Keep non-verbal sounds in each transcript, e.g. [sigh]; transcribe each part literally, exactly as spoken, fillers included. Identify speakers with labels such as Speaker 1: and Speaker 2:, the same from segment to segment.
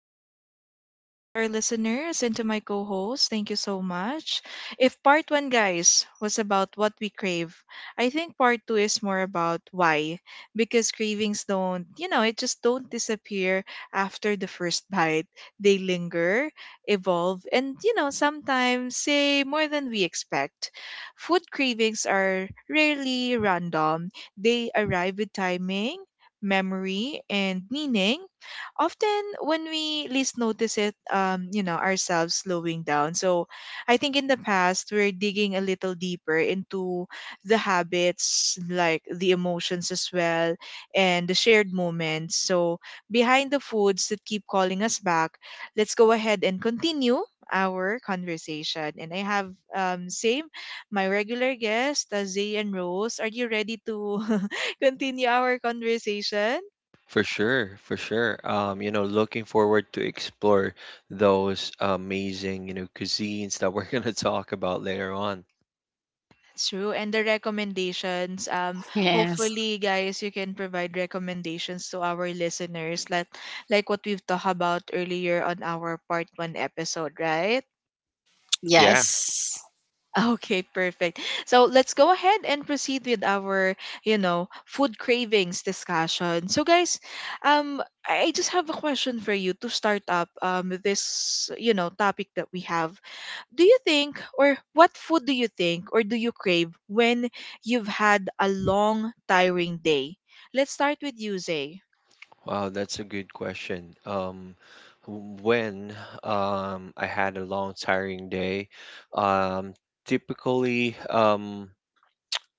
Speaker 1: yeah, Welcome back to our listeners and to my co host. Thank you so much. If part one, guys, was about what we crave, I think part two is more about why. Because cravings don't, you know, it just don't disappear after the first [laughs] bite. They linger, evolve, and, you know, sometimes say more than we expect. Food cravings are rarely random, they arrive with timing, memory, and meaning, often when we least notice it, um, you know, ourselves slowing down. So I think in the past, we're digging a little deeper into the habits, like the emotions as well, and the shared moments. So behind the foods that keep calling us back, let's go ahead and continue our conversation. And I have um, same my regular guest, uh, Zay and Rose. Are you ready to [laughs] continue our conversation?
Speaker 2: For sure, for sure. Um, you know, looking forward to explore those amazing, you know, cuisines that we're [laughs] gonna talk about later on.
Speaker 1: True. And the recommendations. Um,
Speaker 3: Yes.
Speaker 1: hopefully, guys, you can provide recommendations to our listeners, like like what we've talked about earlier on our part one episode, right? [laughs]
Speaker 2: Yeah.
Speaker 3: Yes.
Speaker 1: Okay, perfect. So let's go ahead and proceed with our, you know, food cravings discussion. So guys, um, I just have a question for you to start up um this, you know, topic that we have. Do you think, or what food do you think, or do you crave when you've had a long, tiring day? Let's start with you, Zay.
Speaker 2: Wow, that's a good question. Um, w- when um I had a long tiring day, um, typically um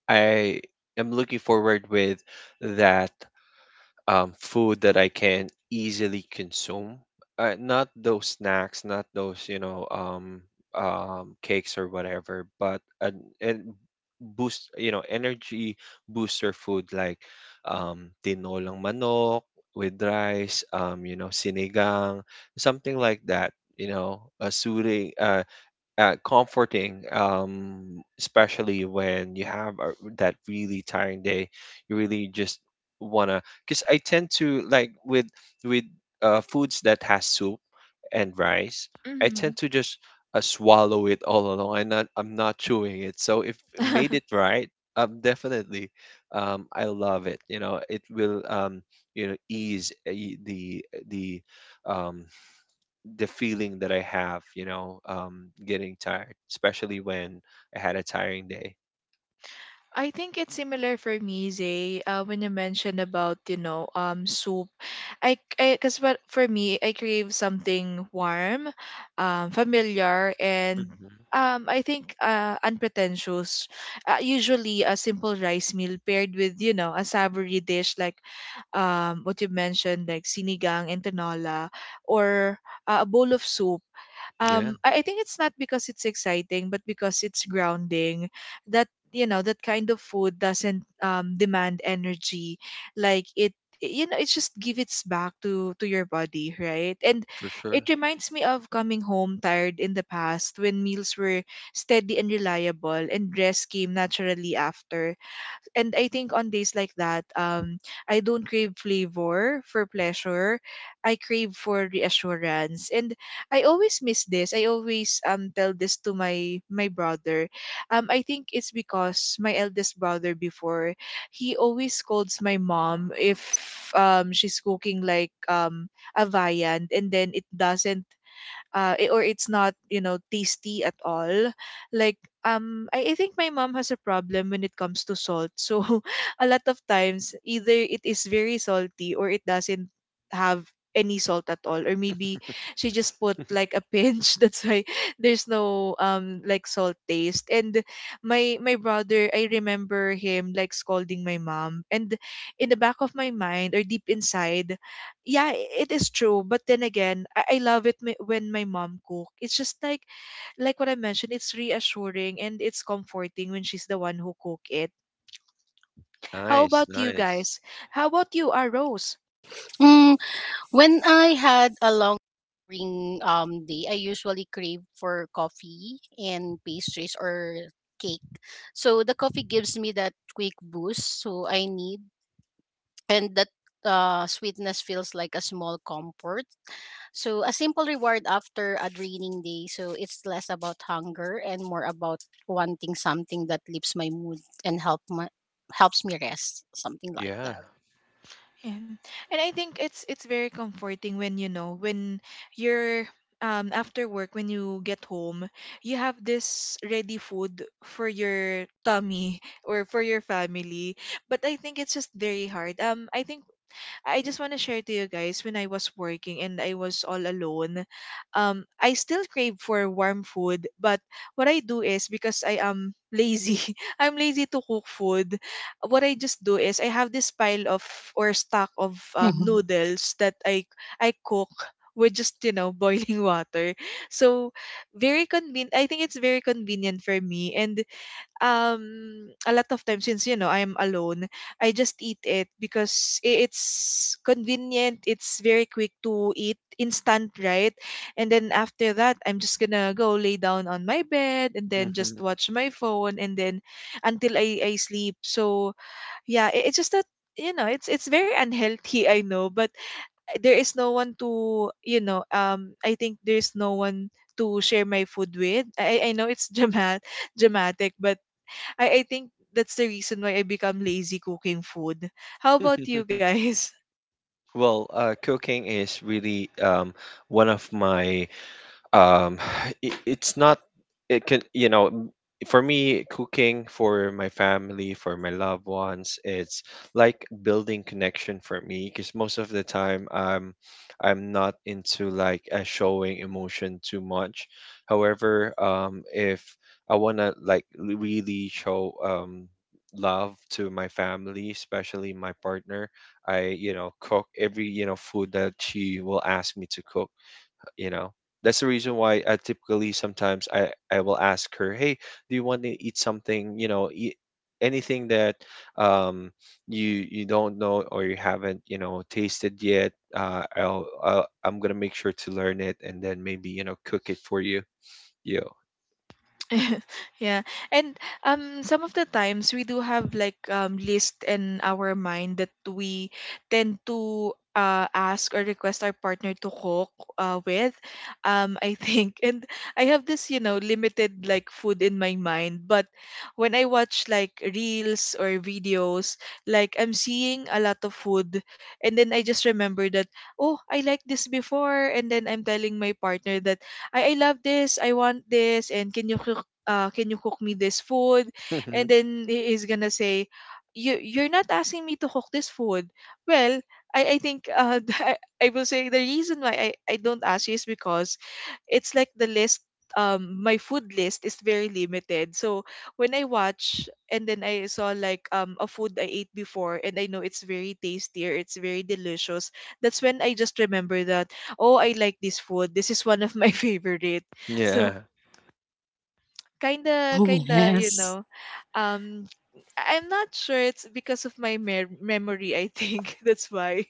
Speaker 2: I am looking forward with that. Um, food that I can easily consume. Uh, not those snacks, not those you know um, um, cakes or whatever, but an, and boost you know energy booster food like um, tinolang manok with rice, um, you know sinigang, something like that. You know, a suri, uh, uh, comforting, um, especially when you have a, that really tiring day. You really just wanna, because I tend to like with with uh, foods that has soup and rice. I
Speaker 1: Hmm.
Speaker 2: tend to just uh, swallow it all along. I'm not I'm not chewing it. So if made it
Speaker 1: [laughs]
Speaker 2: right, um, definitely, um, I love it. You know, it will, um, you know, ease uh, y- the the um the feeling that I have, you know, um, getting tired, especially when I had a tiring day.
Speaker 1: I think it's similar for me, Zay, uh, when you mentioned about, you know, um, soup. I, because what for me, I crave something warm, um, familiar, and
Speaker 2: Hmm
Speaker 1: um, I think uh, unpretentious. Uh, usually, a simple rice meal paired with, you know, a savory dish like um, what you mentioned, like sinigang and tinola, or uh, a bowl of soup.
Speaker 2: Yeah,
Speaker 1: Um, I, I think it's not because it's exciting, but because it's grounding. That, you know, that kind of food doesn't um, demand energy. Like it, you know, it just gives it back to to your body, right? And
Speaker 2: for sure.
Speaker 1: it reminds me of coming home tired in the past, when meals were steady and reliable, and rest came naturally after. And I think on days like that, um, I don't crave flavor for pleasure. I crave for reassurance. And I always miss this. I always um tell this to my my brother. Um, I think it's because my eldest brother before, he always scolds my mom if um she's cooking like um a viand and then it doesn't uh, i- or it's not, you know, tasty at all, like um I, I think my mom has a problem when it comes to salt, so [laughs] a lot of times either it is very salty or it doesn't have any salt at all, or maybe she just put like a
Speaker 2: [laughs]
Speaker 1: pinch [laughs] that's why there's no um like salt taste. And my my brother, I remember him like scolding my mom, and in the back of my mind or deep inside, yeah, i- it is true. But then again, i, I love it m- when my mom cook, it's just like like what I mentioned, it's reassuring and it's comforting when she's the one who cook it. How
Speaker 2: Nice,
Speaker 1: about you
Speaker 2: nice.
Speaker 1: guys? How about you, are rose?
Speaker 3: Mm, when I had a long tiring um day, I usually crave for coffee and pastries or cake. So the coffee gives me that quick boost so I need and that uh, sweetness feels like a small comfort. So a simple reward after a draining day. So it's less about hunger and more about wanting something that lifts my mood and help my helps me rest. Something like
Speaker 2: Yeah.
Speaker 3: that.
Speaker 1: And, and i think it's it's very comforting when, you know, when you're um after work, when you get home, you have this ready food for your tummy [laughs] or for your family. But I think it's just very hard. Um i think I just want to share to you guys, when I was working and I was all alone, um, I still crave for warm food. But what I do is, because I am lazy, [laughs] I'm lazy to cook food. What I just do is I have this pile of or stock of um,
Speaker 3: [laughs]
Speaker 1: noodles that I I cook with just, you know, [laughs] boiling water. So very convenient. I think it's very convenient for me. And um a lot of times, since, you know, I am alone, I just eat it because i- it's convenient, it's very quick to eat, instant, right? And then after that, I'm just gonna go lay down on my bed and then just
Speaker 2: hmm
Speaker 1: watch my phone and then until I I sleep. So yeah, i- it's just that, you know, it's it's very unhealthy. [laughs] I know, but there is no one to, you know, um i think there's no one to share my food with. I i know it's [laughs] dramatic dramatic but I I think that's the reason why I become lazy cooking food. How about you
Speaker 2: [laughs]
Speaker 1: guys?
Speaker 2: Well, uh, cooking is really um, one of my um [sighs] it, it's not it can you know m- for me, cooking for my family, for my loved ones, it's like building connection for me because most of the time i'm i'm not into like uh, showing emotion too much. However, um if I want to like l- really show um love to my family, especially my partner. I, you know, cook every, you know, food that she will ask me to cook, you know. That's the reason why I typically, sometimes I I will ask her, hey, do you want to eat something, you know, eat anything that um you, you don't know or you haven't, you know, tasted yet. uh I'll, I'll I'm gonna make sure to learn it and then maybe, you know, cook it for you. Yo.
Speaker 1: [laughs] Yeah. And um, some of the times we do have like um list in our mind that we tend to uh ask or request our partner to cook uh with um I think [laughs] And I have this, you know, limited like food in my mind, but when I watch like reels or videos, like I'm seeing a lot of food, and then I just remember that, oh, I like this before. And then I'm telling my partner that, I, I love this, I want this, and can you cook, uh, can you cook me this food? And
Speaker 2: [laughs]
Speaker 1: then he is gonna say, you you're not asking me to cook this food. Well, I, I think, uh, [laughs] I I will say the reason why I, I don't ask you is because it's like the list, um my food list is very limited. So when I watch and then I saw like um a food I ate before and I know it's very tasty, it's very delicious, that's when I just remember that, oh, I like this food, this is one of my [laughs] favorite.
Speaker 2: yeah.
Speaker 1: So kinda
Speaker 3: [laughs]
Speaker 1: kinda you
Speaker 3: Yes.
Speaker 1: know, um, I- i'm not sure it's because of my mer- memory, I think. [laughs] That's why.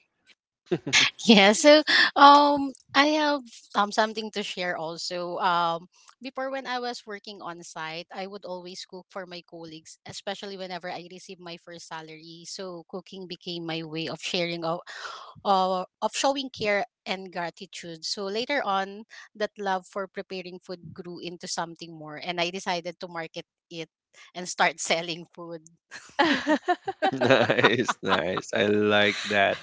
Speaker 2: [laughs]
Speaker 3: Yeah, so um I have um something to share also. Um before when I was working on site, I would always cook for my colleagues, especially whenever I received my first salary. So cooking became my way of sharing of uh, of showing care and gratitude. So later on, that love for preparing food grew into something more and I decided to market it and start [laughs] selling food.
Speaker 1: [laughs]
Speaker 2: nice, nice. I like that.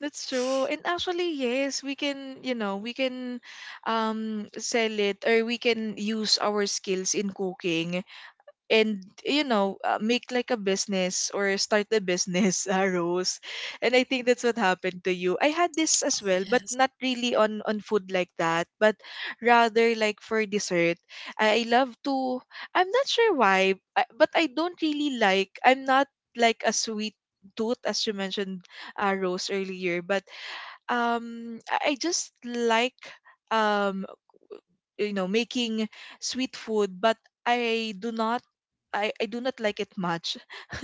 Speaker 1: That's true. And actually, yes, we can, you know, we can um, sell it or we can use our skills in cooking and, you know, uh, make like a business or start a business. [laughs] Uh, Rose, and I think that's what happened to you. I had this as well, but
Speaker 3: Yes.
Speaker 1: not really on on food like that, but rather like for dessert. I, I love to, I'm not sure why I- but I don't really like, I'm not like a sweet tooth as you mentioned, uh, Rose, earlier. But um, I I just like um you know, making sweet food, but I do not, I, I do not like it much. [laughs]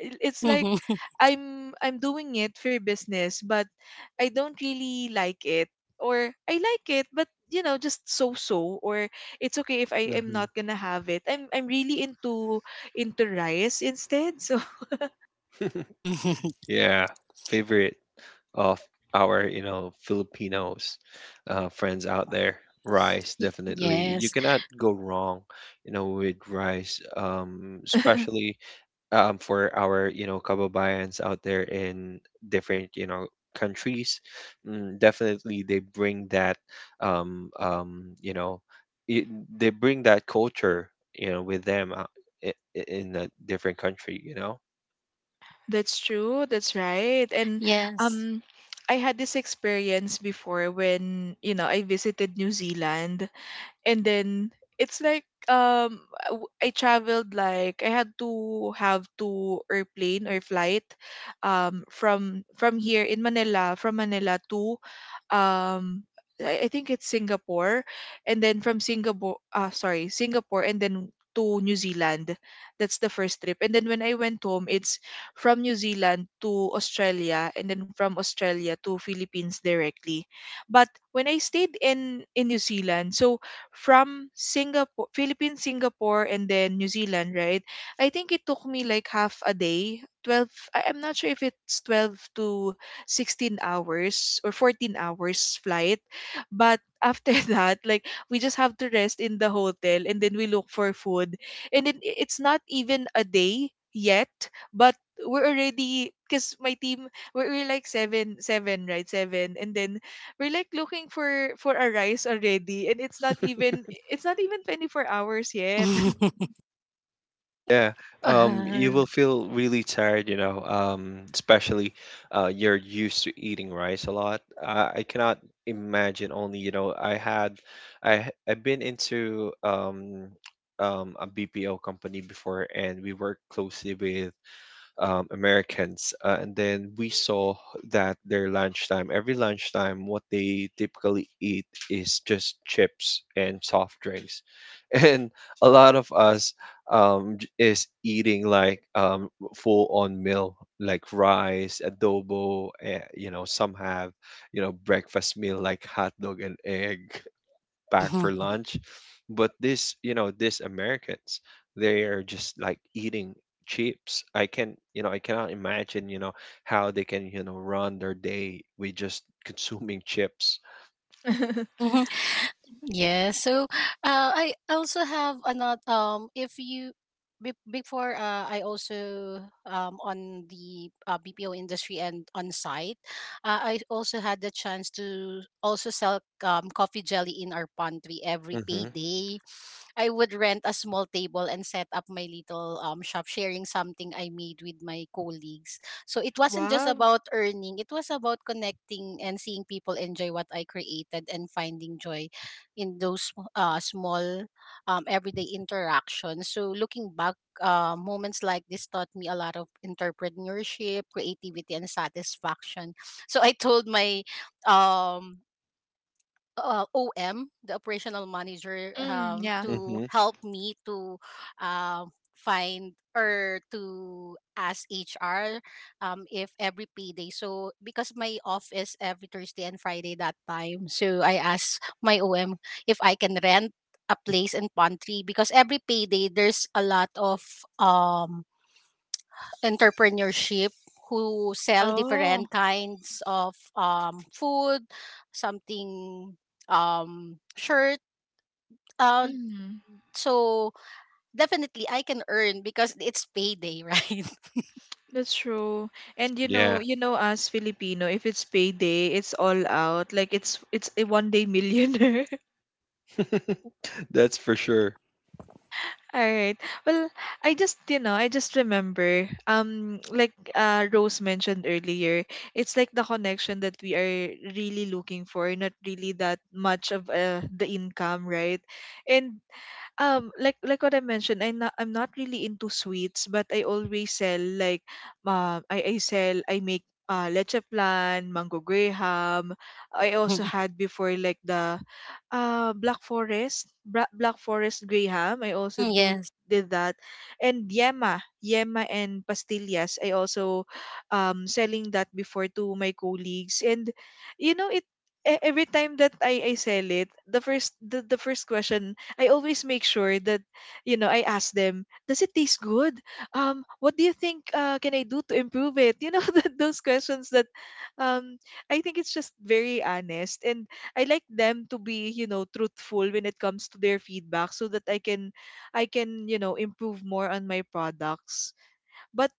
Speaker 1: It- it's like
Speaker 3: [laughs]
Speaker 1: I'm I'm doing it for business, but I don't really like it, or I like it, but, you know, just so so, or it's okay if I am
Speaker 2: Mhm.
Speaker 1: not gonna have it. I'm I'm really into into rice instead. So
Speaker 2: [laughs]
Speaker 3: [laughs]
Speaker 2: Yeah, favorite of our, you know, Filipinos uh, friends out there. Rice,
Speaker 3: Y-
Speaker 2: definitely. You
Speaker 3: yes.
Speaker 2: cannot go wrong, you know, with rice, um,
Speaker 1: [laughs]
Speaker 2: especially um, for our, you know, kababayans out there in different, you know, countries. Mm, definitely, they bring that, um, um, you know, it, they bring that culture, you know, with them, uh, i- i- in a different country, you know.
Speaker 1: that's true. That's right. And
Speaker 3: Yes.
Speaker 1: um, I had this experience before when, you know, I visited New Zealand. And then it's like, um, I w- I traveled, like I had to have to airplane or flight um from from here in Manila, from Manila to um I I think it's Singapore, and then from Singapore, ah sorry, Singapore and then to New Zealand. That's the first trip. And then when I went home, it's from New Zealand to Australia, and then from Australia to Philippines directly. But when I stayed in in New Zealand, so from Singapore, Philippines, Singapore, and then New Zealand, right? I think it took me like half a day, twelve, I- I'm not sure if it's twelve to sixteen hours or fourteen hours flight. But after [laughs] that, like, we just have to rest in the hotel and then we look for food. And then i- it's not even a day yet, but we're already, because my team, we're, we're like seven seven right seven and then we're like looking for for a rice already, and it's not even, it's not even twenty-four hours yet.
Speaker 3: [laughs]
Speaker 2: Yeah, um, you
Speaker 3: Uh,
Speaker 2: will feel really tired, you know, um, especially uh, you're used to eating rice a lot. I, I cannot imagine only, you know, I had, I h- I've been into um, um, a B P O company before, and we work closely with um, Americans. Uh, and then we saw that their lunchtime, every lunchtime, what they typically eat is just chips and soft drinks. [laughs] And a lot of us um, j- is eating like um, full on meal, like rice, adobo, eh, you know, some have, you know, breakfast meal like hot dog and egg pack for
Speaker 3: mhm,
Speaker 2: lunch. But this, you know, these Americans, they are just like eating chips. I can, you know, I cannot imagine, you know, how they can, you know, run their day with just [laughs] consuming chips.
Speaker 1: [laughs]
Speaker 3: mhm. Yeah. So, uh, I also have another. Um, if you be- before, uh, I also um on the uh, B P O industry and on site, uh, I also had the chance to also sell um coffee jelly in our pantry every
Speaker 2: Mm-hmm.
Speaker 3: payday. I would rent a small table and set up my little um shop, sharing something I made with my colleagues. So it wasn't just
Speaker 1: Wow.
Speaker 3: about earning, it was about connecting and seeing people enjoy what I created and finding joy in those uh, small um everyday interactions. So looking back, uh, moments like this taught me a lot of entrepreneurship, creativity, and satisfaction. So I told my um uh, O M, the operational manager,
Speaker 1: Mm,
Speaker 3: um,
Speaker 1: yeah.
Speaker 3: to
Speaker 2: Mm-hmm.
Speaker 3: help me to um, find or to ask H R um, if every payday. So because my office every Thursday and Friday that time, so I asked my O M if I can rent a place in Pantry, because every payday there's a lot of um entrepreneurship who sell
Speaker 1: Oh,
Speaker 3: different kinds of um, food, something um, shirt. Uh,
Speaker 1: mm,
Speaker 3: so definitely I can earn because it's payday, [laughs] right?
Speaker 1: that's true. And, you know,
Speaker 2: Yeah.
Speaker 1: you know us Filipino, if it's payday, it's all out. Like it's it's a one day [laughs] millionaire.
Speaker 2: [laughs] That's for sure.
Speaker 1: All right. Well, I just, you know, I just remember, um, like uh, Rose mentioned earlier, it's like the connection that we are really looking for, not really that much of uh, the income, right? And um, like like what I mentioned, I'm not, I'm not really into sweets, but I always sell like, um, I, I sell, I make uh, leche plan, mango graham. I also
Speaker 3: Mhm.
Speaker 1: had before like the uh, Black Forest, Bra- Black Forest Graham. I also
Speaker 3: Mm,
Speaker 1: do
Speaker 3: yes.
Speaker 1: did that. And Yema, Yema and Pastillas. I also um, selling that before to my colleagues. And you know it, e- every time that I, I sell it, the first the, the first question, I always make sure that, you know, I ask them, does it taste good? Um, what do you think uh, can I do to improve it? You know, [laughs] that those questions that um I think it's just very honest, and I like them to be, you know, truthful when it comes to their feedback so that I can I can, you know, improve more on my products. But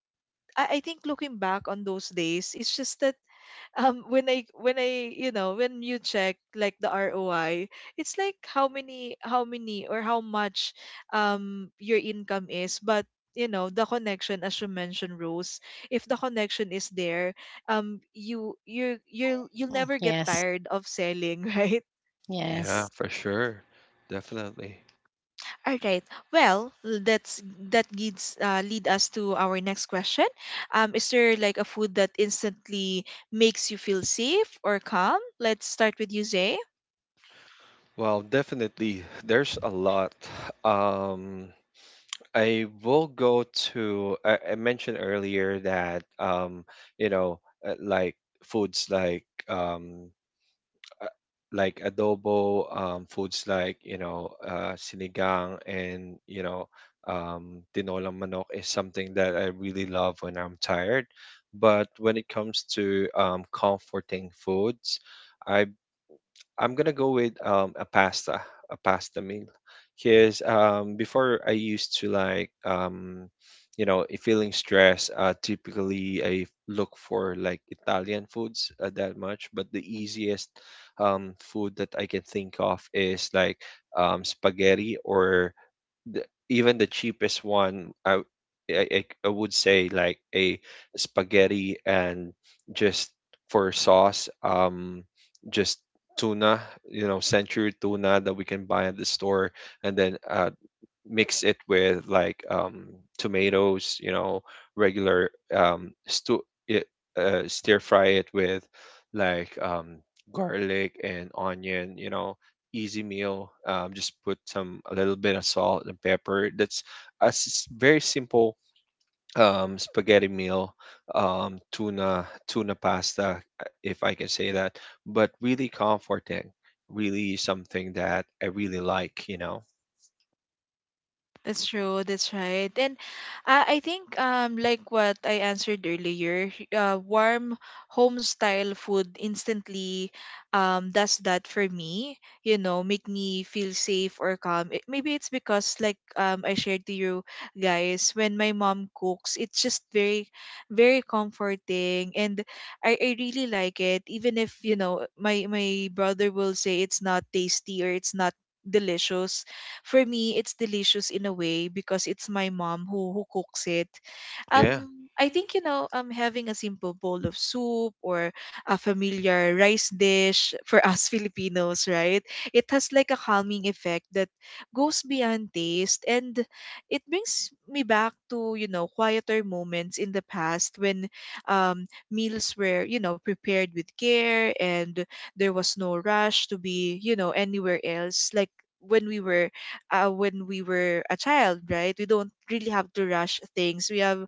Speaker 1: I, I think looking back on those days, it's just that [laughs] um when I when I you know when you check like the R O I, it's like how many how many or how much um your income is, but you know the connection, as you mentioned, Rose, if the connection is there, um you you you you'll you'll
Speaker 3: Mm,
Speaker 1: never get
Speaker 3: yes.
Speaker 1: tired of selling, [laughs] right?
Speaker 2: Yeah,
Speaker 3: Yes.
Speaker 2: for sure. Definitely.
Speaker 1: All right. Well, that's that leads uh, lead us to our next question. Um, is there like a food that instantly makes you feel safe or calm? Let's start with you, Zay.
Speaker 2: Well, definitely, there's a lot. Um, I will go to I, I mentioned earlier that, um you know uh, like foods like, um uh, like adobo, um foods like, you know, uh sinigang and, you know, um tinolang manok is something that I really love when I'm tired. But when it comes to um comforting foods, I I'm gonna go with um, a pasta, a pasta meal, because, um, before I used to like, um, you know, if feeling stressed. Uh, typically I look for like Italian foods, uh, that much. But the easiest um, food that I can think of is like um, spaghetti or the, even the cheapest one, I, I I I would say like a spaghetti and just for sauce, um, just tuna, you know, century tuna that we can buy at the store, and then a mix it with like um, tomatoes, you know, regular um, stu- it, uh, stir fry it with like um, garlic and onion, you know, easy meal. Um, just put some a little bit of salt and pepper. That's a s- very simple um, spaghetti meal, um, tuna tuna pasta, uh, if I can say that, but really comforting. Really something that I really like, you know.
Speaker 1: That's true. That's right. And uh, I think um like what I answered earlier, h- uh, warm home style food instantly um does that for me. You know, make me feel safe or calm. It, maybe it's because like um I shared to you guys when my mom cooks, it's just very very comforting, and I, I really like it, even if, you know, my my brother will say it's not tasty or it's not delicious, for me it's delicious in a way because it's my mom who who cooks it.
Speaker 2: Yeah,
Speaker 1: um I think, you know, um having a simple bowl of soup or a familiar rice dish for us [laughs] Filipinos, right? It has like a calming effect that goes beyond taste, and it brings me back to, you know, quieter moments in the past when um meals were, you know, prepared with care, and there was no rush to be, you know, anywhere else. Like when we were uh, when we were a child, right? We don't really have to rush things. We have,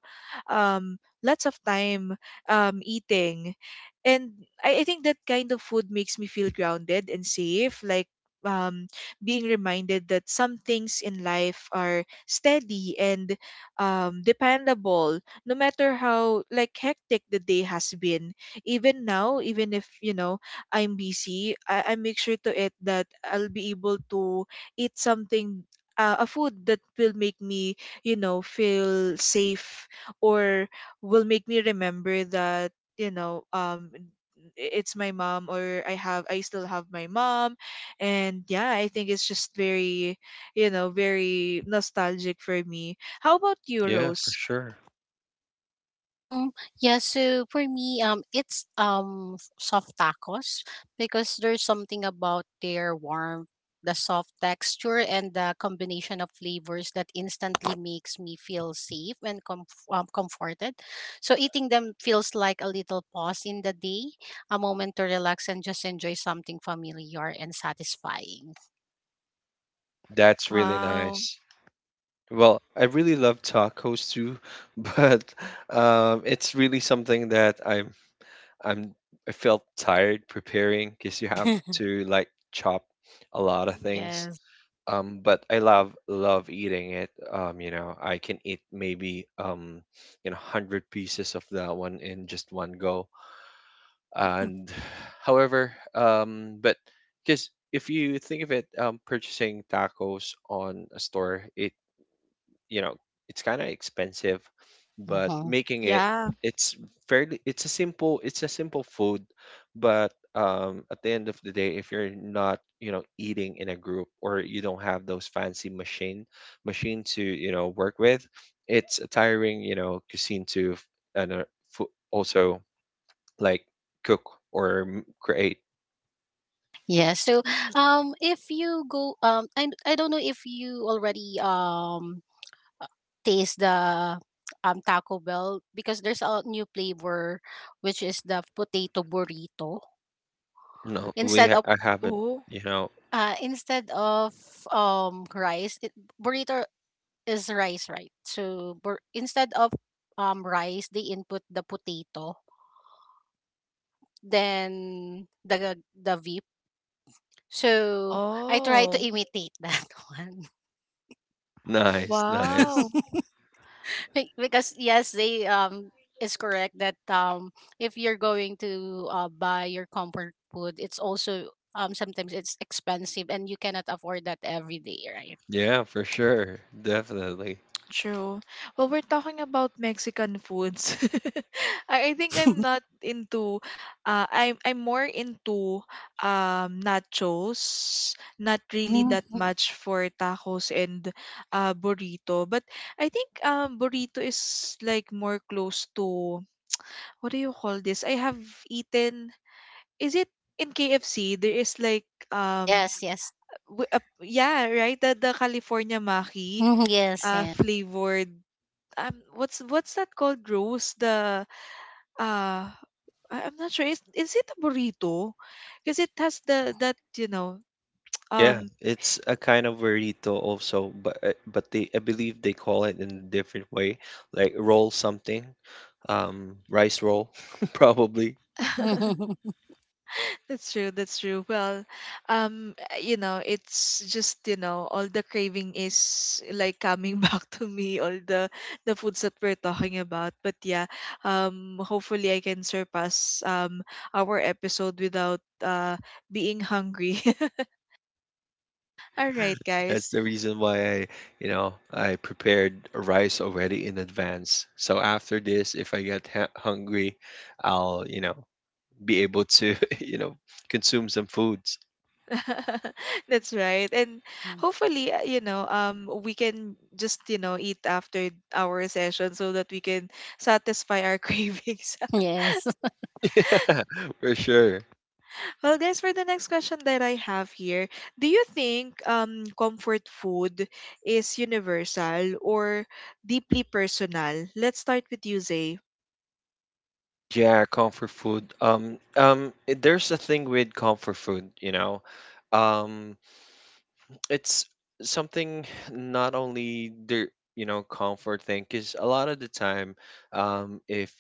Speaker 1: um, lots of time, um, eating. And I, I think that kind of food makes me feel grounded and safe. Like, um, being reminded that some things in life are steady and, um, dependable, no matter how like hectic the day has been. Even now, even if, you know, I'm busy, I, I make sure to it that I'll be able to eat something, uh, a food that will make me, you know, feel safe, or will make me remember that, you know, um I- it's my mom, or I have I still have my mom. And yeah, I think it's just very, you know, very nostalgic for me. How about you,
Speaker 2: yeah, for
Speaker 1: Rose?
Speaker 2: sure.
Speaker 3: Um, yeah, so for me, um, it's um f- soft tacos, because there's something about their warmth, the soft texture, and the combination of flavors that instantly makes me feel safe and comf- um, comforted. So eating them feels like a little pause in the day, a moment to relax and just enjoy something familiar and satisfying.
Speaker 2: That's really
Speaker 1: Wow.
Speaker 2: nice. Well, I really love tacos too, [laughs] but um, it's really something that I'm I'm I felt tired preparing because you have
Speaker 3: [laughs]
Speaker 2: to like chop a lot of things.
Speaker 3: Yes. [laughs]
Speaker 2: Um, but I love love eating it. Um, you know, I can eat maybe, um, you know, hundred pieces of that one in just one go. And [sighs] however, um, but because if you think of it, um, purchasing tacos on a store, it you know it's kind of expensive, but
Speaker 3: Mhm.
Speaker 2: making it,
Speaker 1: Yeah.
Speaker 2: it's fairly, it's a simple it's a simple food. But um, at the end of the day, if you're not, you know, eating in a group or you don't have those fancy machine machine to, you know, work with, it's a tiring, you know, cuisine to f- and uh, fo- also like cook or m- create.
Speaker 3: Yeah. So,
Speaker 1: Mhm.
Speaker 3: um, if you go, um, I I don't know if you already um uh, taste the um Taco Bell, because there's a new flavor which is the potato burrito
Speaker 2: No, we
Speaker 3: instead
Speaker 2: ha-
Speaker 3: of
Speaker 2: I haven't.
Speaker 1: Oh.
Speaker 2: You know.
Speaker 3: uh instead of um rice it, burrito is rice, right? So bur- instead of um rice they input the potato, then the the vip. So I try to
Speaker 1: Oh,
Speaker 3: imitate that [laughs] one.
Speaker 2: [laughs] nice, nice.
Speaker 1: wow.
Speaker 3: [laughs] Be- because yes, they um is correct that um if you're going to uh, buy your comfort food, it's also um sometimes it's expensive and you cannot afford that every day, right?
Speaker 2: Yeah, for sure. Definitely.
Speaker 1: True. Well, we're talking about Mexican foods. [laughs] I, I think I'm
Speaker 3: [laughs]
Speaker 1: not into uh I'm I'm more into, um nachos, not really that
Speaker 3: Mhm.
Speaker 1: much for tacos and uh burrito. But I think um burrito is like more close to what do you call this? I have eaten, is it in K F C there is like um
Speaker 3: Yes, yes.
Speaker 1: w- uh, yeah, right? The the California Maki
Speaker 3: Mhm, yes,
Speaker 1: uh
Speaker 3: yes.
Speaker 1: flavored, um what's what's that called, Rose? The uh I- I'm not sure, is is it a burrito, because it has the that you know
Speaker 2: Yeah,
Speaker 1: um
Speaker 2: it's a kind of burrito also, but uh, but they, I believe they call it in a different way, like roll something, um, rice roll, [laughs] probably.
Speaker 1: [laughs]
Speaker 3: [laughs]
Speaker 1: that's true. That's true. Well, um you know, it's just, you know, all the craving is like coming [laughs] back to me, all the the foods that we're talking about. But yeah, um hopefully I can surpass um our episode without uh being hungry. [laughs] All right, guys.
Speaker 2: That's the reason why I, you know, I prepared rice already in advance. So after this, if I get ha hungry, I'll, you know, be able to, [laughs] you know, consume some foods.
Speaker 1: [laughs] That's right. And hopefully, uh, you know, um, we can just, you know, eat after our session so that we can satisfy our [laughs] cravings.
Speaker 3: Yes.
Speaker 2: [laughs] Yeah, for sure.
Speaker 1: Well, guys, for the next question that I have here, do you think um comfort food is universal or deeply personal? Let's start with you, Zay.
Speaker 2: Yeah, comfort food. Um, um, it- there's a thing with comfort food, you know. Um, it's something not only the, you know, comfort thing, because a lot of the time, um if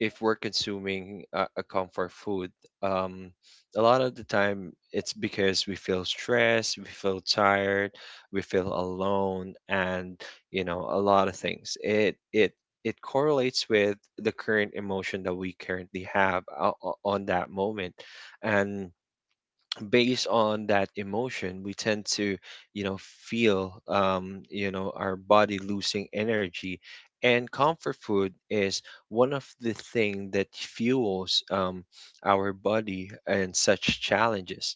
Speaker 2: if we're consuming a, a comfort food, um a lot of the time it's because we feel stressed, we feel tired, we feel alone, and you know a lot of things, it it it correlates with the current emotion that we currently have o- o- on that moment. And based on that emotion, we tend to, you know, feel, um you know, our body losing energy, and comfort food is one of the thing that fuels, um, our body and such challenges.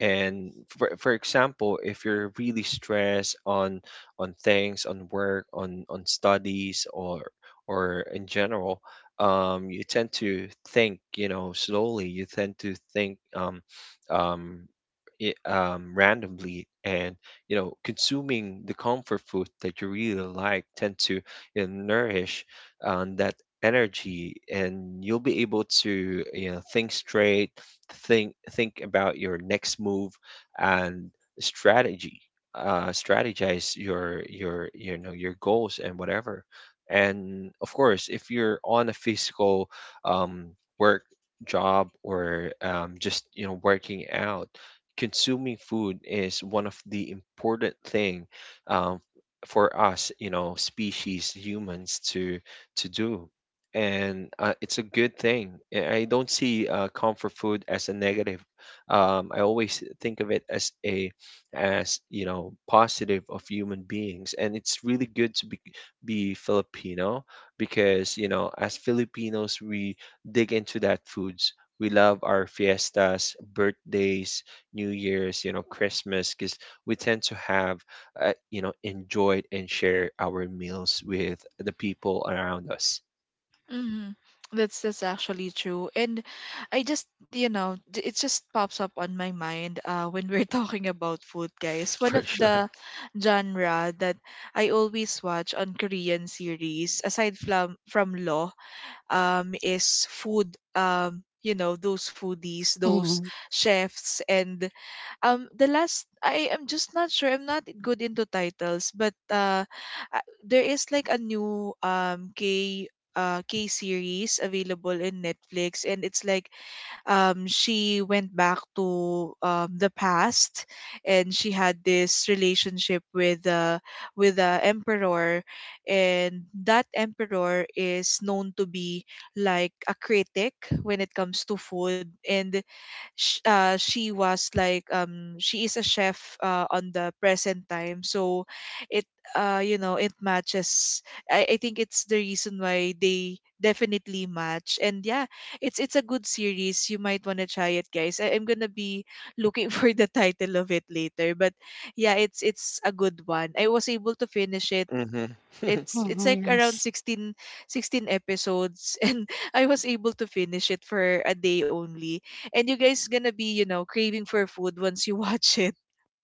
Speaker 2: And for, for example, if you're really stressed on on things on work, on on studies, or or in general, um, you tend to think, you know, slowly, you tend to think, um, um, i- um, randomly, and you know consuming the comfort food that you really like tend to, you know, nourish um, that energy, and you'll be able to, you know, think straight, think think about your next move and strategy, uh strategize your your you know, your goals and whatever. And of course, if you're on a physical um work job or um, just you know working out, consuming food is one of the important thing, um, for us, you know, species humans to to do, and uh, it's a good thing. I I don't see uh, comfort food as a negative. Um, I always think of it as a as, you know, positive of human beings, and it's really good to be be Filipino because you know as Filipinos we dig into that foods. We love our fiestas, birthdays, New Year's, you know, Christmas, because we tend to have, uh, you know, enjoyed and share our meals with the people around us.
Speaker 1: Mm-hmm. That's that's actually true. And I just, you know, j- it just pops up on my mind uh when we're [laughs] talking about food, guys.
Speaker 2: [laughs]
Speaker 1: One
Speaker 2: For
Speaker 1: of
Speaker 2: sure.
Speaker 1: the genre that I always watch on Korean series, aside from from Law, um, is food. Um, you know, those foodies, those
Speaker 3: Mhm,
Speaker 1: chefs, and um the last, I am just not sure, I'm not good into titles, but uh uh, there is like a new um K uh K series available in Netflix, and it's like um she went back to um the past, and she had this relationship with uh with the emperor, and that emperor is known to be like a critic when it comes to food. And sh- uh, she was like um she is a chef uh, on the present time, so it uh you know, it matches. I, I think it's the reason why they definitely match. And yeah, it's it's a good series, you might want to try it, guys. I, I'm gonna be looking [laughs] for the title of it later. But yeah, it's it's a good one, I was able to finish it.
Speaker 2: hmm [laughs]
Speaker 1: it's it's
Speaker 3: mhm,
Speaker 1: like around
Speaker 3: yes,
Speaker 1: sixteen sixteen episodes [laughs] and I was able to finish it for a day only. And you guys gonna be, you know, craving for food once you [laughs] watch it.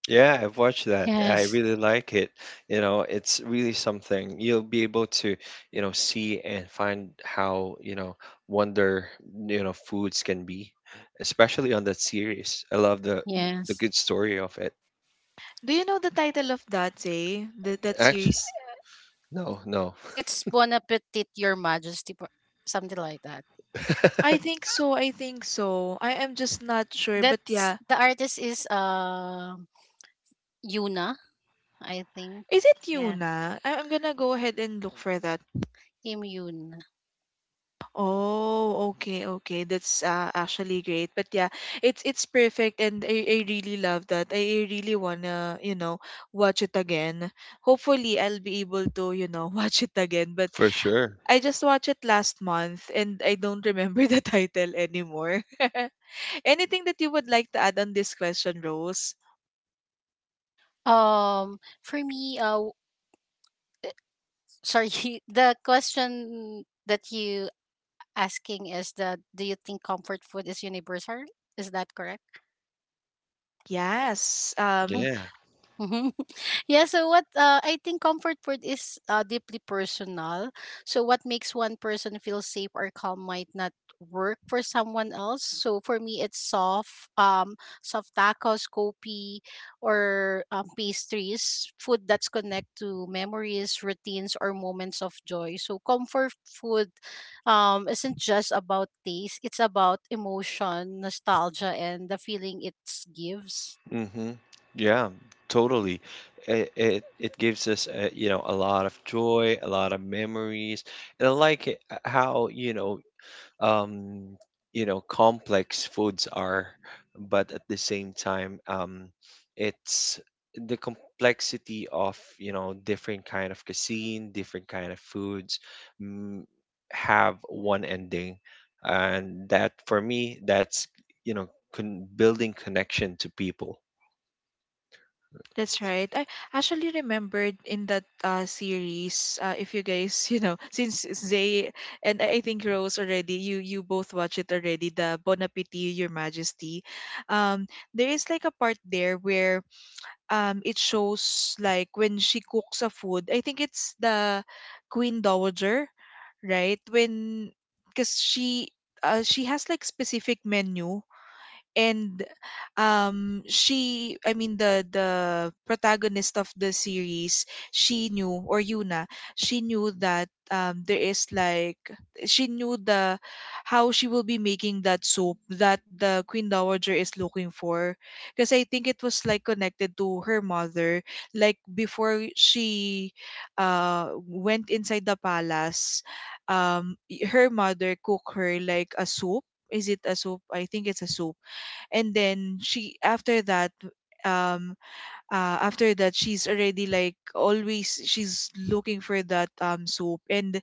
Speaker 2: Yeah, I've watched that. I
Speaker 3: yes.
Speaker 2: really like it. You know, it's really something. You'll be able to, you know, see and find how, you know, wonder, you know, foods can be, especially on that series. I love the the
Speaker 3: Yes.
Speaker 2: good story of it.
Speaker 1: Do you know the title of that, say, that that
Speaker 2: Actually,
Speaker 1: series?
Speaker 2: no, no.
Speaker 3: It's Bon Appetit, Your Majesty, po- something like that.
Speaker 1: I
Speaker 2: [laughs]
Speaker 1: think so, I think so, I am just not sure. But
Speaker 3: That's
Speaker 1: yeah,
Speaker 3: the artist is uh Yuna, I think.
Speaker 1: is it
Speaker 3: Yes.
Speaker 1: Yuna? I- I'm gonna go ahead and look for that.
Speaker 3: Immune.
Speaker 1: Oh, okay, okay. That's uh, actually great. But yeah, it's it's perfect, and I, I really love that. I really wanna, you know, watch it again. Hopefully I'll be able to, you know, [laughs] watch it again. But
Speaker 2: For sure.
Speaker 1: I just watched it last month and I don't remember the [laughs] title anymore. [laughs] Anything that you would like to add on this question, Rose?
Speaker 3: Um, for me, uh, sorry, [laughs] the question that you asking is, that do you think comfort food is universal? Is that correct?
Speaker 1: Yes. Um.
Speaker 2: Yeah.
Speaker 3: Mhm. [laughs] Yeah, so what uh, I think comfort food is uh, deeply personal. So what makes one person feel safe or calm might not work for someone else. So for me, it's soft, um, soft tacos, kopi, or um, pastries, food that's connect to memories, routines, or moments of joy. So comfort food um, isn't just about taste; it's about emotion, nostalgia, and the feeling it gives.
Speaker 2: Mm-hmm. Yeah, totally. It, it it gives us, uh, you know, a lot of joy, a lot of memories, and I like it, uh, how, you know, um you know complex foods are, but at the same time um it's the complexity of, you know, different kind of cuisine, different kind of foods mm, have one ending, and that for me, that's, you know, con building connection to people.
Speaker 1: That's right. I actually remembered in that uh, series, uh, if you guys, [laughs] you know, since Zay and I think Rose already, you you both watch it already, the Bon Appetit, Your Majesty. Um, there is like a part there where um it shows like when she cooks a food. I think it's the Queen Dowager, right? When because she uh, she has like specific menu and um she, I mean, the the protagonist of the series, she knew, or Yuna, she knew that um there is like, she knew the how she will be making that soap that the Queen Dowager is looking for, because I think it was like connected to her mother. Like before she uh went inside the palace, um y- her mother cooked her like a soup, is it a soup, I think it's a soup. And then she after that, um uh after that she's already like always she's looking for that um soap, and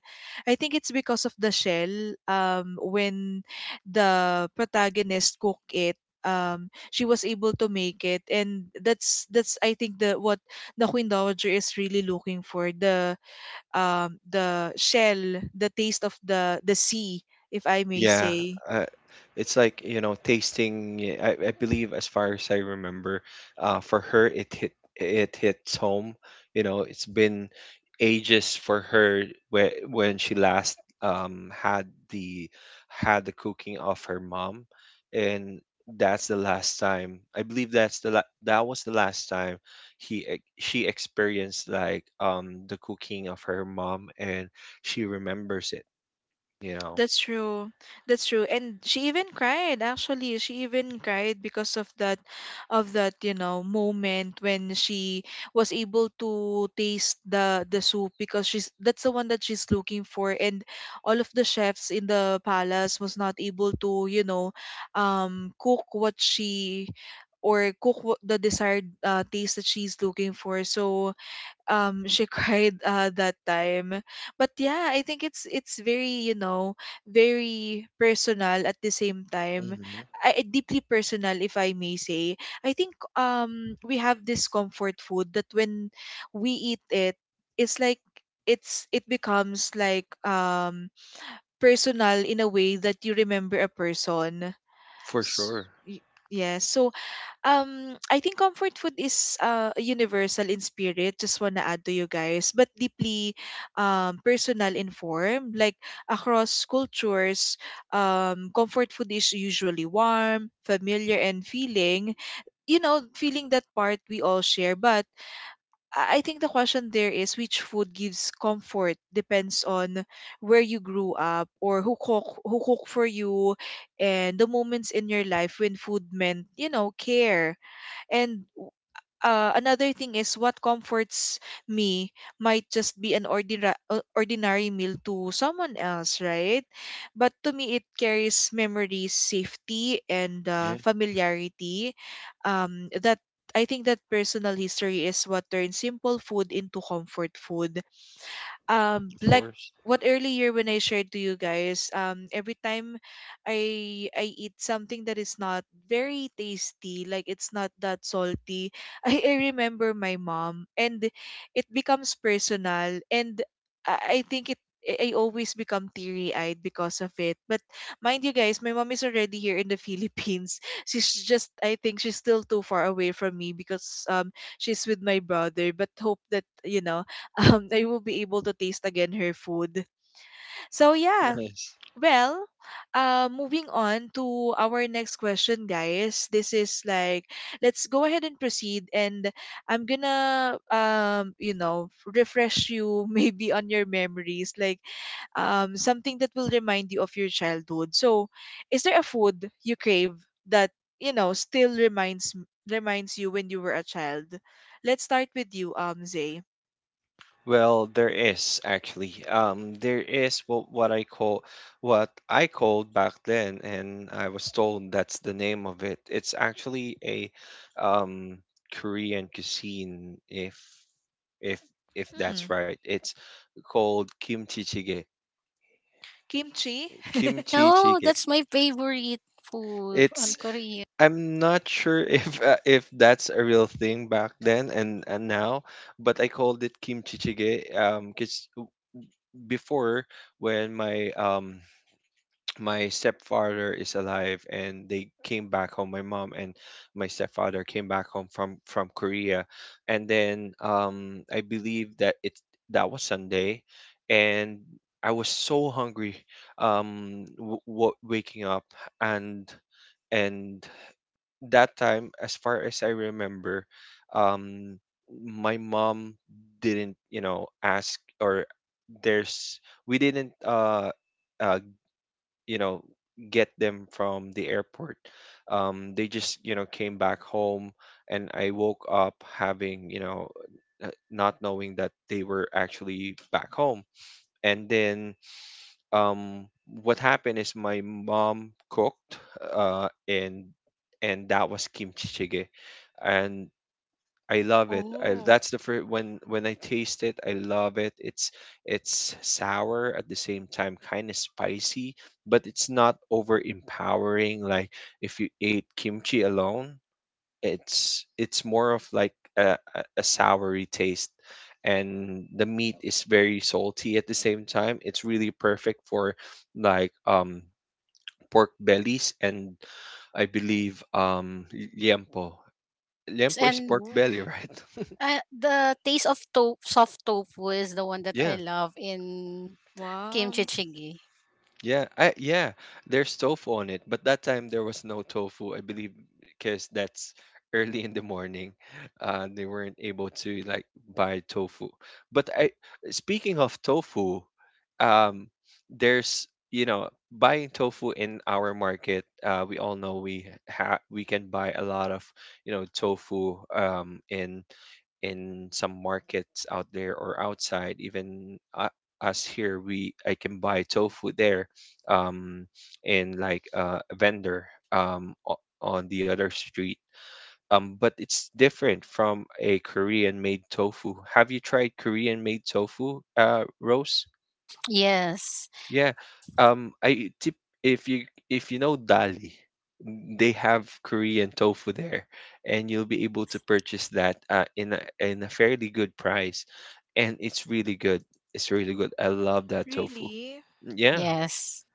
Speaker 1: I think it's because of the shell. Um, when the protagonist cook it, um she was able to make it, and that's that's I think the what the Queen Dowager is really looking for, the um the shell, the taste of the the sea, if I may
Speaker 2: Yeah,
Speaker 1: say.
Speaker 2: uh, it's like, you know, tasting. Yeah, I, I believe, as far as I remember, uh, for her, it hit it hits home. You know, it's been ages for her where when she last um had the had the cooking of her mom, and that's the last time. I believe that's the la that was the last time he ex- she experienced like um the cooking of her mom, and she remembers it. You know.
Speaker 1: That's true. That's true. And she even cried, actually. She even cried because of that, of that, you know, moment when she was able to taste the the soup, because she's that's the one that she's looking for, and all of the chefs in the palace was not able to, you know, um cook what she or cook wh- the desired uh, taste that she's looking for. So um she [laughs] cried uh, that time. But yeah, I think it's it's very, you know, very personal at the same time.
Speaker 2: Mhm.
Speaker 1: I, I- deeply personal, if I may say. I think um we have this comfort food that when we eat it, it's like, it's it becomes like um personal in a way that you remember a person.
Speaker 2: For
Speaker 1: S-
Speaker 2: sure.
Speaker 1: y- yeah, so um I think comfort food is uh universal in spirit. Just wanna add to you guys, but deeply um personal in form. Like across cultures, um comfort food is usually warm, familiar, and feeling. You know, feeling, that part we all share. But I I think the question there is which food gives comfort depends on where you grew up, or who cook who cook for you, and the moments in your life when food meant, you know, care. And uh, another thing is what comforts me might just be an ordinary uh, ordinary meal to someone else, right? But to me, it carries memories, safety, and uh,
Speaker 2: Yeah,
Speaker 1: familiarity. Um, that, I think that personal history is what turns simple food into comfort food, um
Speaker 2: of
Speaker 1: like
Speaker 2: course.
Speaker 1: what earlier when I shared to you guys, um, every time I I eat something that is not very tasty, like it's not that salty, [laughs] I, I remember my mom, and it becomes personal, and I, I think it I I always become teary eyed because of it. But mind you guys, my mom is already here in the Philippines. [laughs] She's just I think she's still too far away from me because um she's with my brother. But hope that you know [laughs] um, I will be able to taste again her food. So yeah,
Speaker 2: Nice.
Speaker 1: well, uh, moving on to our next question, guys. This is like, let's go ahead and proceed, and I'm gonna, um, you know, refresh you [laughs] maybe on your memories, like, um, something that will remind you of your childhood. So, is there a food you crave that you know still reminds m- reminds you when you were a child? Let's start with you, um, Zay.
Speaker 2: Well, there is actually. Um, there is what what I call what I called back then, and I was told that's the name of it. It's actually a um Korean cuisine, if if if that's
Speaker 1: Hmm,
Speaker 2: right. It's called kimchi jjigae.
Speaker 1: kimchi.
Speaker 3: Yeah,
Speaker 2: Kimchi
Speaker 3: oh,
Speaker 2: jjigae.
Speaker 3: that's my favorite food on
Speaker 2: It's
Speaker 3: Korea.
Speaker 2: I'm not sure [laughs] if uh, if that's a real thing back then and and now, but I called it kimchi jjigae um because before when my um [tsk] my stepfather is alive and they came back home, my mom and my stepfather came back home from from Korea, and then um I believe that it that was Sunday, and I was so hungry um w- w- waking up and and that time, as far as I remember, um, my mom didn't, you know, ask or there's we didn't, uh, uh, you know, get them from the airport. Um, they just, you know, came back home, and I woke up having, you know, uh, not knowing that they were actually back home, and then um what happened is my mom cooked uh and and that was kimchi jjigae and I love it. I,
Speaker 1: Oh,
Speaker 2: that's the first when when I taste it, I love it. It's it's sour at the same time, kind of spicy, but it's not over empowering. Like if you ate kimchi alone, it's it's more of like a, a a soury taste and the meat is very salty at the same time it's really perfect for like um pork bellies and i believe um y- liempo.
Speaker 3: Yes,
Speaker 2: Liempo is
Speaker 3: and
Speaker 2: pork
Speaker 1: oh,
Speaker 2: belly, right? [laughs]
Speaker 3: uh, the taste of to- soft tofu is the one that I
Speaker 2: Yeah.
Speaker 3: love in kimchi
Speaker 1: wow.
Speaker 3: jjigae.
Speaker 2: Yeah, I yeah, there's tofu on it, but that time there was no tofu, I believe, because that's early in the morning. Uh, they weren't able to like buy tofu. But I, speaking of tofu, um, there's you know buying tofu in our market. Uh, we all know we ha we can buy a lot of you know tofu um in in some markets out there or outside even uh, us here we I can buy tofu there, um, in like uh, a vendor, um, o- on the other street. Um, but it's different from a Korean made tofu. Have you tried Korean made tofu, uh, Rose?
Speaker 3: Yes,
Speaker 2: Yeah. Um, I tip If you if you know Dali, they have Korean tofu there, and you'll be able to purchase that uh, in a, in a fairly good price, and it's really good. It's really good. I love that tofu.
Speaker 1: Really?
Speaker 2: Yeah,
Speaker 3: yes,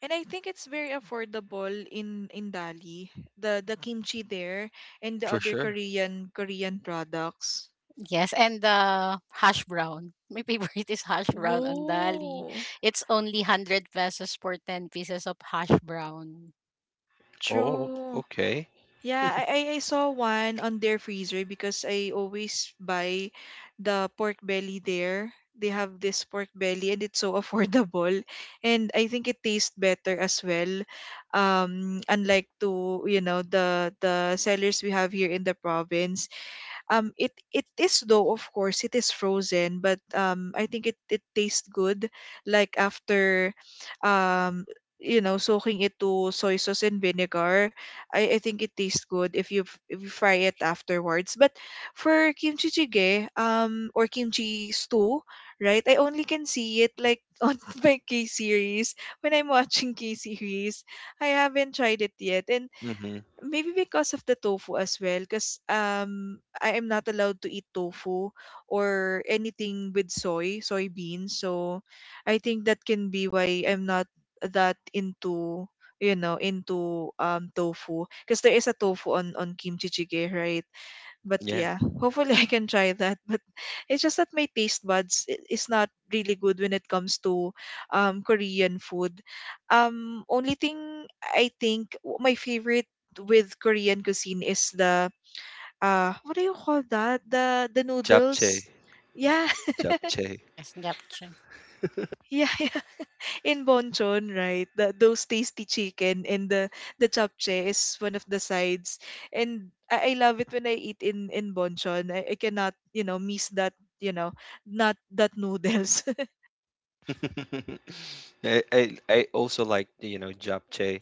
Speaker 1: And I think it's very affordable in in Dali. The the kimchi there and the
Speaker 2: for
Speaker 1: other
Speaker 2: sure.
Speaker 1: Korean Korean products.
Speaker 3: yes, and the hash brown. My favorite [laughs] is hash brown on Dali.
Speaker 1: Whoa,
Speaker 3: It's only hundred pesos for ten pieces of hash brown.
Speaker 2: Oh,
Speaker 1: true.
Speaker 2: okay.
Speaker 1: Yeah, I, I I saw one on their freezer because I always buy the pork belly there. They have this pork belly and it's so [laughs] affordable. And I think it tastes better as well. Um, unlike to, you know, the the sellers we have here in the province, um it it is though of course it is frozen, but um I think it it tastes good like after um you know soaking it to soy sauce and vinegar. i, I think it tastes good if you f- if you fry it afterwards, but for kimchi jjigae um or kimchi stew, right, I only can see it like [laughs] on my k series when I'm watching k series. I haven't tried it yet, and
Speaker 2: Mm-hmm.
Speaker 1: maybe because of the tofu as well, because um, I am not allowed to eat tofu or anything with soy, soybeans. So I think that can be why I'm not that into, you know into um tofu, because there is a tofu on on kimchi jjigae, right? But
Speaker 2: Yeah,
Speaker 1: yeah, hopefully [laughs] I can try that [laughs] but it's just that my taste buds i- is not really good when it comes to um korean food. um only thing I think w- my favorite with korean cuisine is the uh what do you call that, the the
Speaker 2: japchae,
Speaker 1: noodles. Yeah,
Speaker 2: japchae.
Speaker 3: Yes, japchae.
Speaker 1: [laughs] yeah yeah, in Bonchon, right, the, those tasty chicken and the the japchae is one of the sides, and I, I love it when I eat in in Bonchon. I, I cannot, you know, miss that, you know, not that noodles. [laughs]
Speaker 2: [laughs] I, I I also like you know japchae.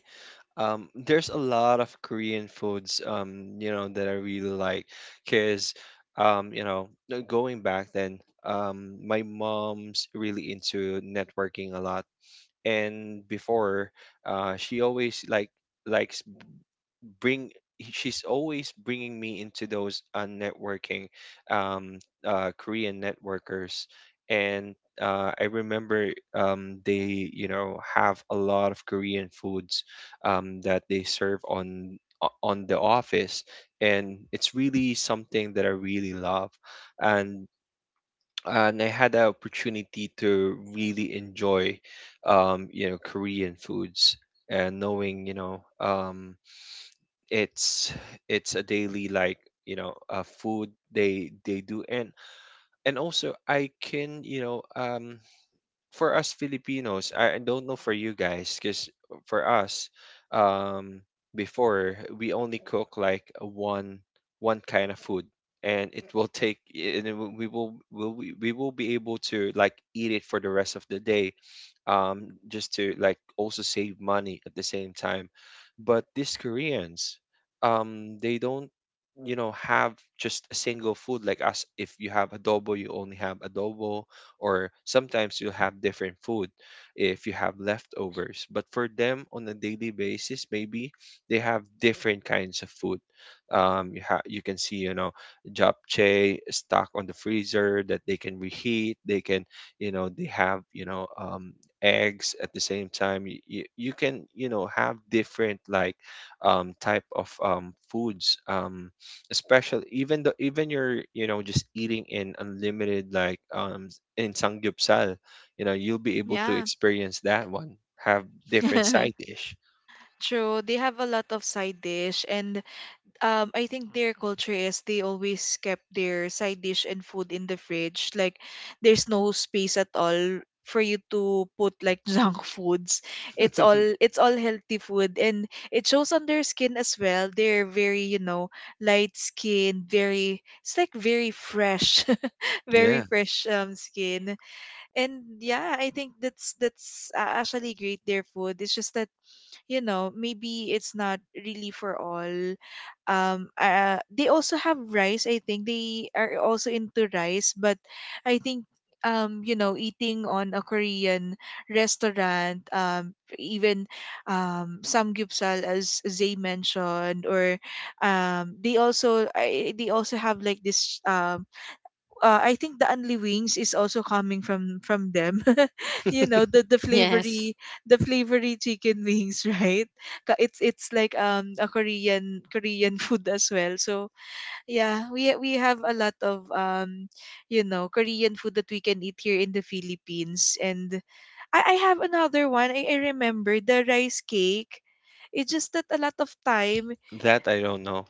Speaker 2: Um, there's a lot of Korean foods um you know that I really like because um you know uh, going back then um my mom's really into networking a lot and before uh she always like likes bring she's always bringing me into those uh, networking um uh Korean networkers and uh, I remember um, they, you know, have a lot of Korean foods um, that they serve on o- on the office, and it's really something that I really love, and and I had the opportunity to really enjoy, um, you know, Korean foods and knowing, you know, um, it's it's a daily like you know uh, food they they do and and also I can you know um for us filipinos I I don't know for you guys because for us um before we only cook like a one one kind of food and it will take and it will- we will will we, we will be able to like eat it for the rest of the day, um, just to like also save money at the same time. But these Koreans, um, they don't, you know, have just a single food like us. If you have adobo, you only have adobo, or sometimes you have different food if you have leftovers. But for them, on a daily basis, maybe they have different kinds of food. Um, you ha- you can see, you know, japchae stock on the freezer that they can reheat. They can you know they have you know um, eggs at the same time you, you, you can you know have different like um type of um foods um especially even though even you're you know just eating in unlimited like um in sangyupsal, you know you'll be able to
Speaker 1: Yeah,
Speaker 2: experience that one, have different side
Speaker 1: [laughs]
Speaker 2: dish.
Speaker 1: true. They have a lot of side dish, and um I think their culture is they always kept their side dish and food in the fridge. Like there's no space at all for you to put like [laughs] junk foods. It's all
Speaker 2: [laughs]
Speaker 1: it's all healthy food, and it shows on their skin as well. They're very, you know, light skin, very, it's like very fresh, [laughs] very
Speaker 2: Yeah,
Speaker 1: fresh um skin. And yeah, I think that's that's uh, actually great their food. It's just that you know maybe it's not really for all. Um uh, they also have rice, I think they are also into rice, but I think um you know eating on a korean restaurant, um even um samgyeopsal as zay mentioned, or um they also I, they also have like this um uh, I think the Anli wings is also coming from from them. [laughs] You know the the
Speaker 3: Yes.
Speaker 1: flavory, the flavory chicken wings, [laughs] right? Ka- It's it's like um a Korean Korean food as well. So yeah, we we have a lot of um you know Korean food that we can eat here in the Philippines. And I I have another one. I, I remember the rice cake. It's just that a lot of time,
Speaker 2: that I don't know.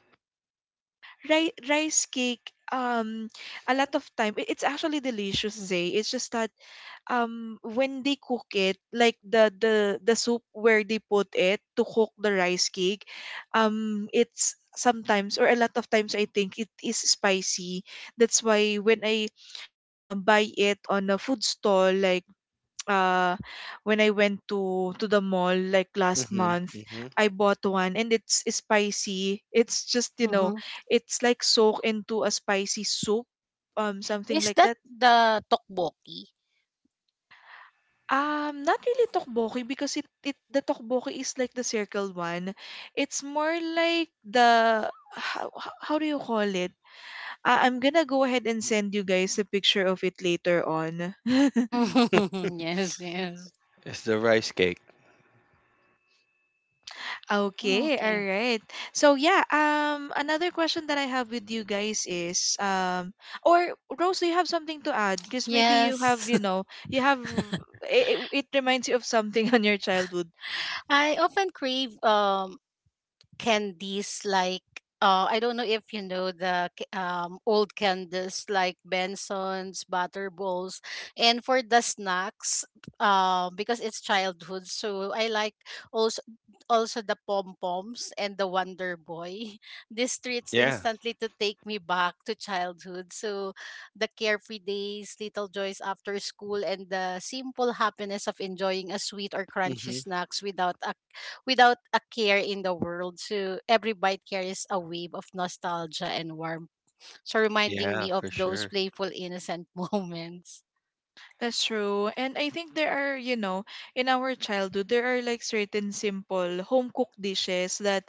Speaker 1: ri- rice cake, um a lot of time i- it's actually delicious, zay. It's just that um when they cook it, like the the the soup where they put it to cook the rice cake, um it's sometimes, or a lot of times I think it is spicy. That's why when I uh buy it on a food stall, like uh when I went to to the mall like last
Speaker 2: Hmm,
Speaker 1: month,
Speaker 2: hmm.
Speaker 1: I bought one and it's spicy. It's just, you know,
Speaker 3: Mm-hmm.
Speaker 1: it's like soaked into a spicy soup, um something
Speaker 3: Is
Speaker 1: like
Speaker 3: that
Speaker 1: that.
Speaker 3: the tteokbokki?
Speaker 1: Um, not really tokboki, because it it the tokboki is like the circle one. It's more like the, how, how how do you call it? I, I'm gonna go ahead and send you guys a picture of it later on. [laughs]
Speaker 3: [laughs] Yes, yes.
Speaker 2: It's the rice cake.
Speaker 1: Okay, all
Speaker 3: Okay.
Speaker 1: right. So yeah, um another question that I have with you guys is um or Rose, do you have something to add? Because maybe you have,
Speaker 3: Yes.
Speaker 1: you
Speaker 3: [laughs]
Speaker 1: know, you have it, it reminds you of something [laughs] on your childhood.
Speaker 3: I often crave um, candies like uh, I don't know if you know the c- um, old candies like Benson's, butter balls, and for the snacks, uh, because it's childhood, so I like also also the pom poms and the Wonder Boy. [laughs] These treats
Speaker 2: Yeah.
Speaker 3: instantly to take me back to childhood. So the carefree days, little joys after school, and the simple happiness of enjoying a sweet or crunchy
Speaker 2: Hmm.
Speaker 3: snacks without a without a care in the world. So every bite carries a wave of nostalgia and warmth. So reminding
Speaker 2: Yeah,
Speaker 3: me of
Speaker 2: for
Speaker 3: those
Speaker 2: sure.
Speaker 3: playful, innocent [laughs] moments.
Speaker 1: That's true. And I think there are, you know, in our childhood, there are like certain simple home cooked dishes that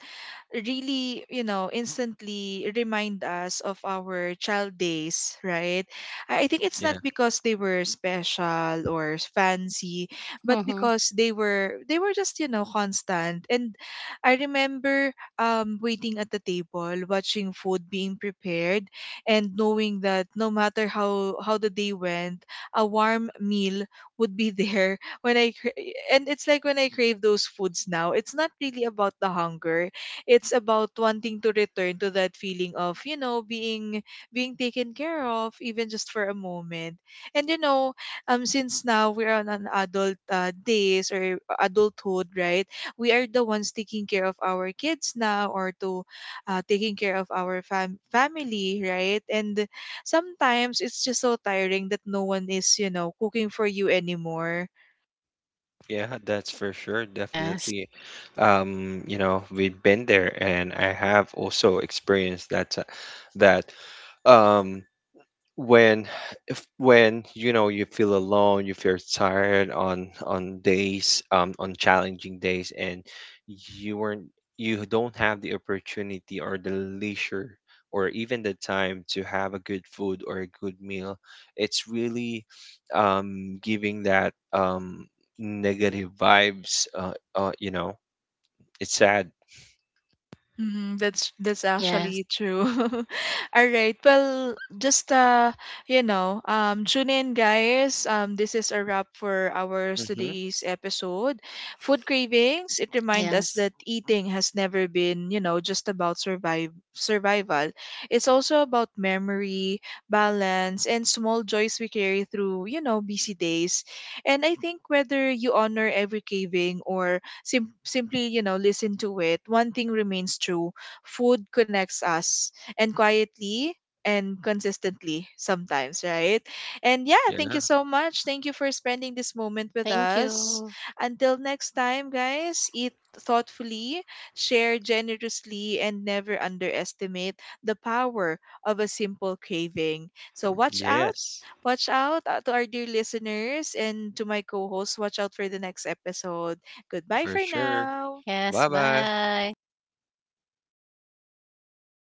Speaker 1: really, you know, instantly remind us of our child days, right? I I think it's
Speaker 2: Yeah.
Speaker 1: not because they were special or fancy, but
Speaker 3: Mm-hmm.
Speaker 1: because they were, they were just, you know, constant. And I remember um waiting at the table, watching food being prepared and knowing that no matter how how the day went, a warm meal would be [laughs] there when I cra- and it's like when I crave those foods now. It's not really about the hunger. It's about wanting to return to that feeling of, you know, being, being taken care of even just for a moment. And you know, um since now we're on an adult uh, days, or adulthood, right? We are the ones taking care of our kids now, or to uh, taking care of our fam- family, right? And sometimes it's just so tiring that no one is, you know, cooking for you anymore.
Speaker 2: Yeah, that's for sure,
Speaker 3: Yes.
Speaker 2: definitely. Um, you know, we've been there, and I have also experienced that ti- that um when if when you know you feel alone, you feel tired on on days, um on challenging days, and you weren't you don't have the opportunity or the leisure or even the time to have a good food or a good meal, it's really um giving that um negative vibes, uh, uh you know, it's sad.
Speaker 1: Mm, that's that's actually
Speaker 3: Yes.
Speaker 1: true. [laughs] All right. Well, just uh, you know, um, tune in, guys. Um, this is a wrap for our
Speaker 2: Hmm.
Speaker 1: today's episode. Food cravings. It reminds us
Speaker 3: Yes.
Speaker 1: that eating has never been, you know, just about survive survival. It's also about memory, balance, and small joys we carry through, you know, busy days. And I think whether you honor every craving or sim- simply, you know, listen to it, one thing remains true, food connects us, and quietly and consistently, sometimes, right? And yeah,
Speaker 2: Yeah.
Speaker 1: thank you so much. Thank you for spending this moment with
Speaker 3: Thank
Speaker 1: us.
Speaker 3: you.
Speaker 1: Until next time, guys, eat thoughtfully, share generously, and never underestimate the power of a simple craving. So, watch out,
Speaker 2: Yes,
Speaker 1: watch out uh, to our dear listeners and to my co-host, watch out for the next episode. Goodbye
Speaker 2: for
Speaker 1: for
Speaker 2: sure.
Speaker 1: now.
Speaker 3: Yes.
Speaker 2: Bye bye.
Speaker 3: Bye.